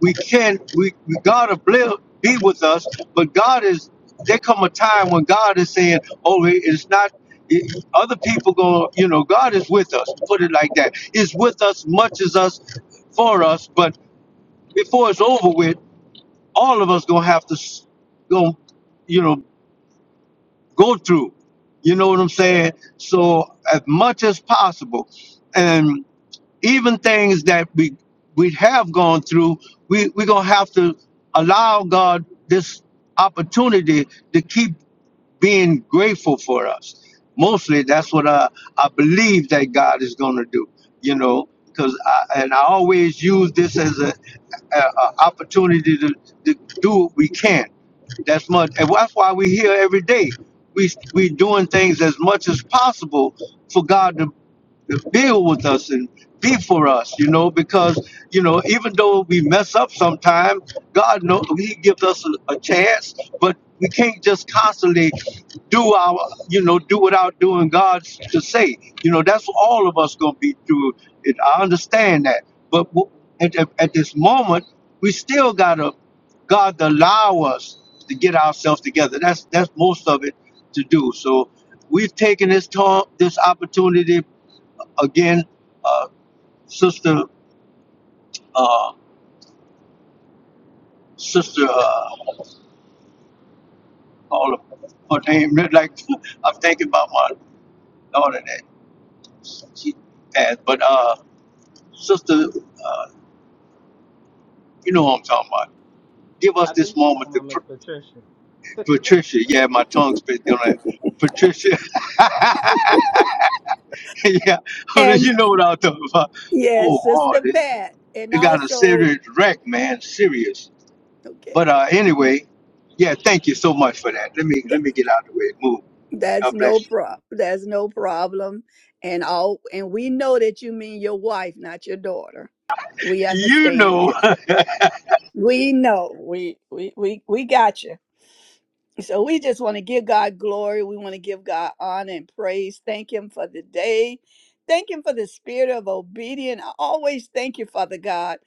S5: we can we, we God will bli- be with us, but God is there come a time when God is saying, Oh, it's not it- other people going you know, God is with us, put it like that. Is with us much as us for us, but before it's over with, all of us gonna have to s- go, you know, go through. You know what I'm saying? So as much as possible, and even things that we we have gone through, we we're gonna have to allow God this opportunity. God know He gives us a, a chance, but we can't just constantly do our, you know, do without doing God's to say. You know, that's all of us gonna be through it. I understand that, but w- at, at, at this moment, we still gotta God to allow us to get ourselves together. That's that's most of it to do. So we've taken this time, this opportunity again, uh, sister, uh, sister. uh, all of them. her name. Like I'm thinking about my daughter that she passed. But uh, sister, uh, you know who I'm talking about. Give us
S2: I
S5: this
S2: think he's talking
S5: moment to
S2: about Miss
S5: Pat-
S2: Patricia.
S5: Patricia. Yeah, my tongue's been doing that. Patricia. yeah, you
S4: and
S5: know what I'm talking about. Oh,
S4: yes,
S5: Lord,
S4: Sister
S5: it,
S4: Pat. And
S5: it got a
S4: also,
S5: serious wreck, man. Serious.
S4: okay.
S5: But uh, anyway, yeah, thank you so much for that. Let me let me get out of the way. Move.
S4: That's
S5: God
S4: no
S5: bless you.
S4: pro. That's no problem. And all and we know that you mean your wife, not your daughter. We
S5: You
S4: understand
S5: know,
S4: you. We know. We we we we got you. So we just want to give God glory. We want to give God honor and praise. Thank Him for the day. Thank Him for the spirit of obedience. I always thank you, Father God.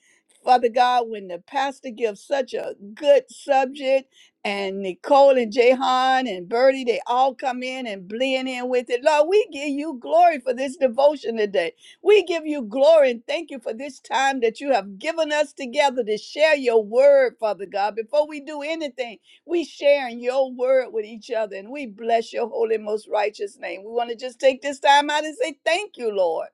S4: Father God, when the pastor gives such a good subject, and Nicole and Jahan and Bertie, they all come in and blend in with it. Lord, we give you glory for this devotion today. We give you glory and thank you for this time that you have given us together to share your word, Father God. Before we do anything, we sharing your word with each other and we bless your holy, most righteous name. We want to just take this time out and say thank you, Lord,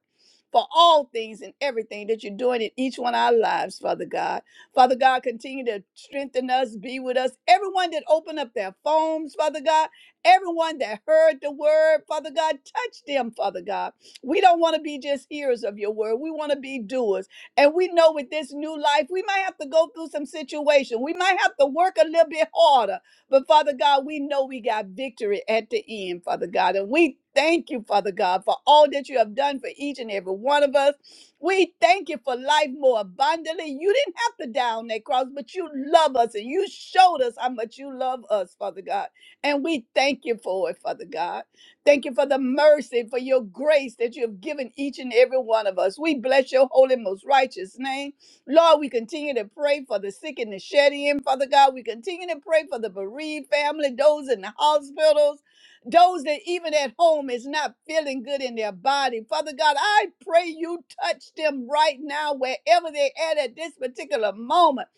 S4: for all things and everything that you're doing in each one of our lives, Father God. Father God, continue to strengthen us, be with us. Everyone that opened up their phones, Father God, everyone that heard the word, Father God, touch them, Father God. We don't want to be just hearers of your word. We want to be doers. And we know with this new life, we might have to go through some situation. We might have to work a little bit harder. But Father God, we know we got victory at the end, Father God. And we thank you, Father God, for all that you have done for each and every one of us. We thank you for life more abundantly. You didn't have to die on that cross, but you love us and you showed us how much you love us, Father God. And we thank you for it, Father God. Thank you for the mercy, for your grace that you have given each and every one of us. We bless your holy, most righteous name. Lord, we continue to pray for the sick and the shed in, Father God. We continue to pray for the bereaved family, those in the hospitals, those that even at home is not feeling good in their body. Father God, I pray you touch them right now, wherever they're at at this particular moment.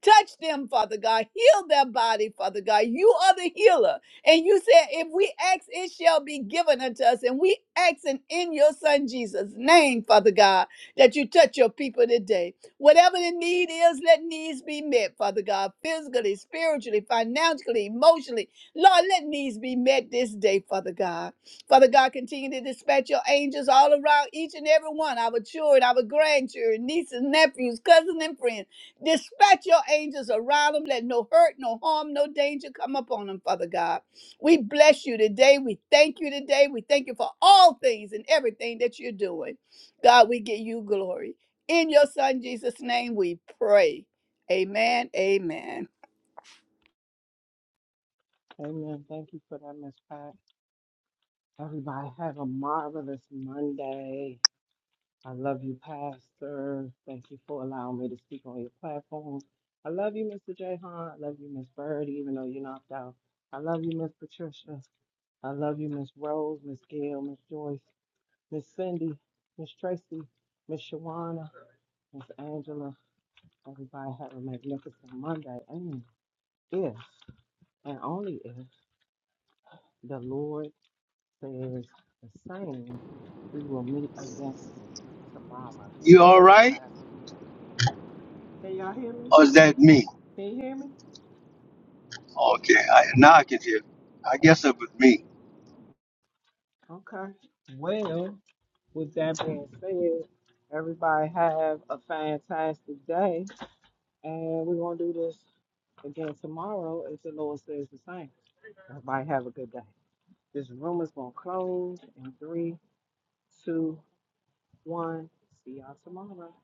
S4: Touch them, Father God. Heal their body, Father God. You are the healer. And you said, if we ask, it shall be given unto us. And we ask in your son Jesus' name, Father God, that you touch your people today. Whatever the need is, let needs be met, Father God, physically, spiritually, financially, emotionally. Lord, let needs be met this day, Father God. Father God, continue to dispatch your angels all around each and every one, our children, our grandchildren, nieces, nephews, cousins, and friends. Dispatch your angels around them. Let no hurt, no harm, no danger come upon them, Father God. We bless you today. We thank you today. We thank you for all things and everything that you're doing. God, we give you glory. In your son Jesus' name we pray. Amen. Amen.
S2: Amen. Thank you for that, Miss Pat. Everybody have a marvelous Monday. I love you, Pastor. Thank you for allowing me to speak on your platform. I love you, Mr. Jahan. I love you, Miss Birdie, even though you knocked out. I love you, Miss Patricia. I love you, Miss Rose, Miss Gail, Miss Joyce, Miss Cindy, Miss Tracy, Miss Shawana, Miss Angela. Everybody have a magnificent Monday. And if and only if the Lord says the same, we will meet again tomorrow.
S5: you
S2: Go
S5: all
S2: ahead,
S5: right?
S2: Pastor. Can y'all hear me?
S5: Or is that me?
S2: Can you hear me?
S5: Okay, I, now I can hear. I guess it was me.
S2: Okay. Well, with that being said, everybody have a fantastic day. And we're going to do this again tomorrow if the Lord says the same. Everybody have a good day. This room is going to close in three, two, one. See y'all tomorrow.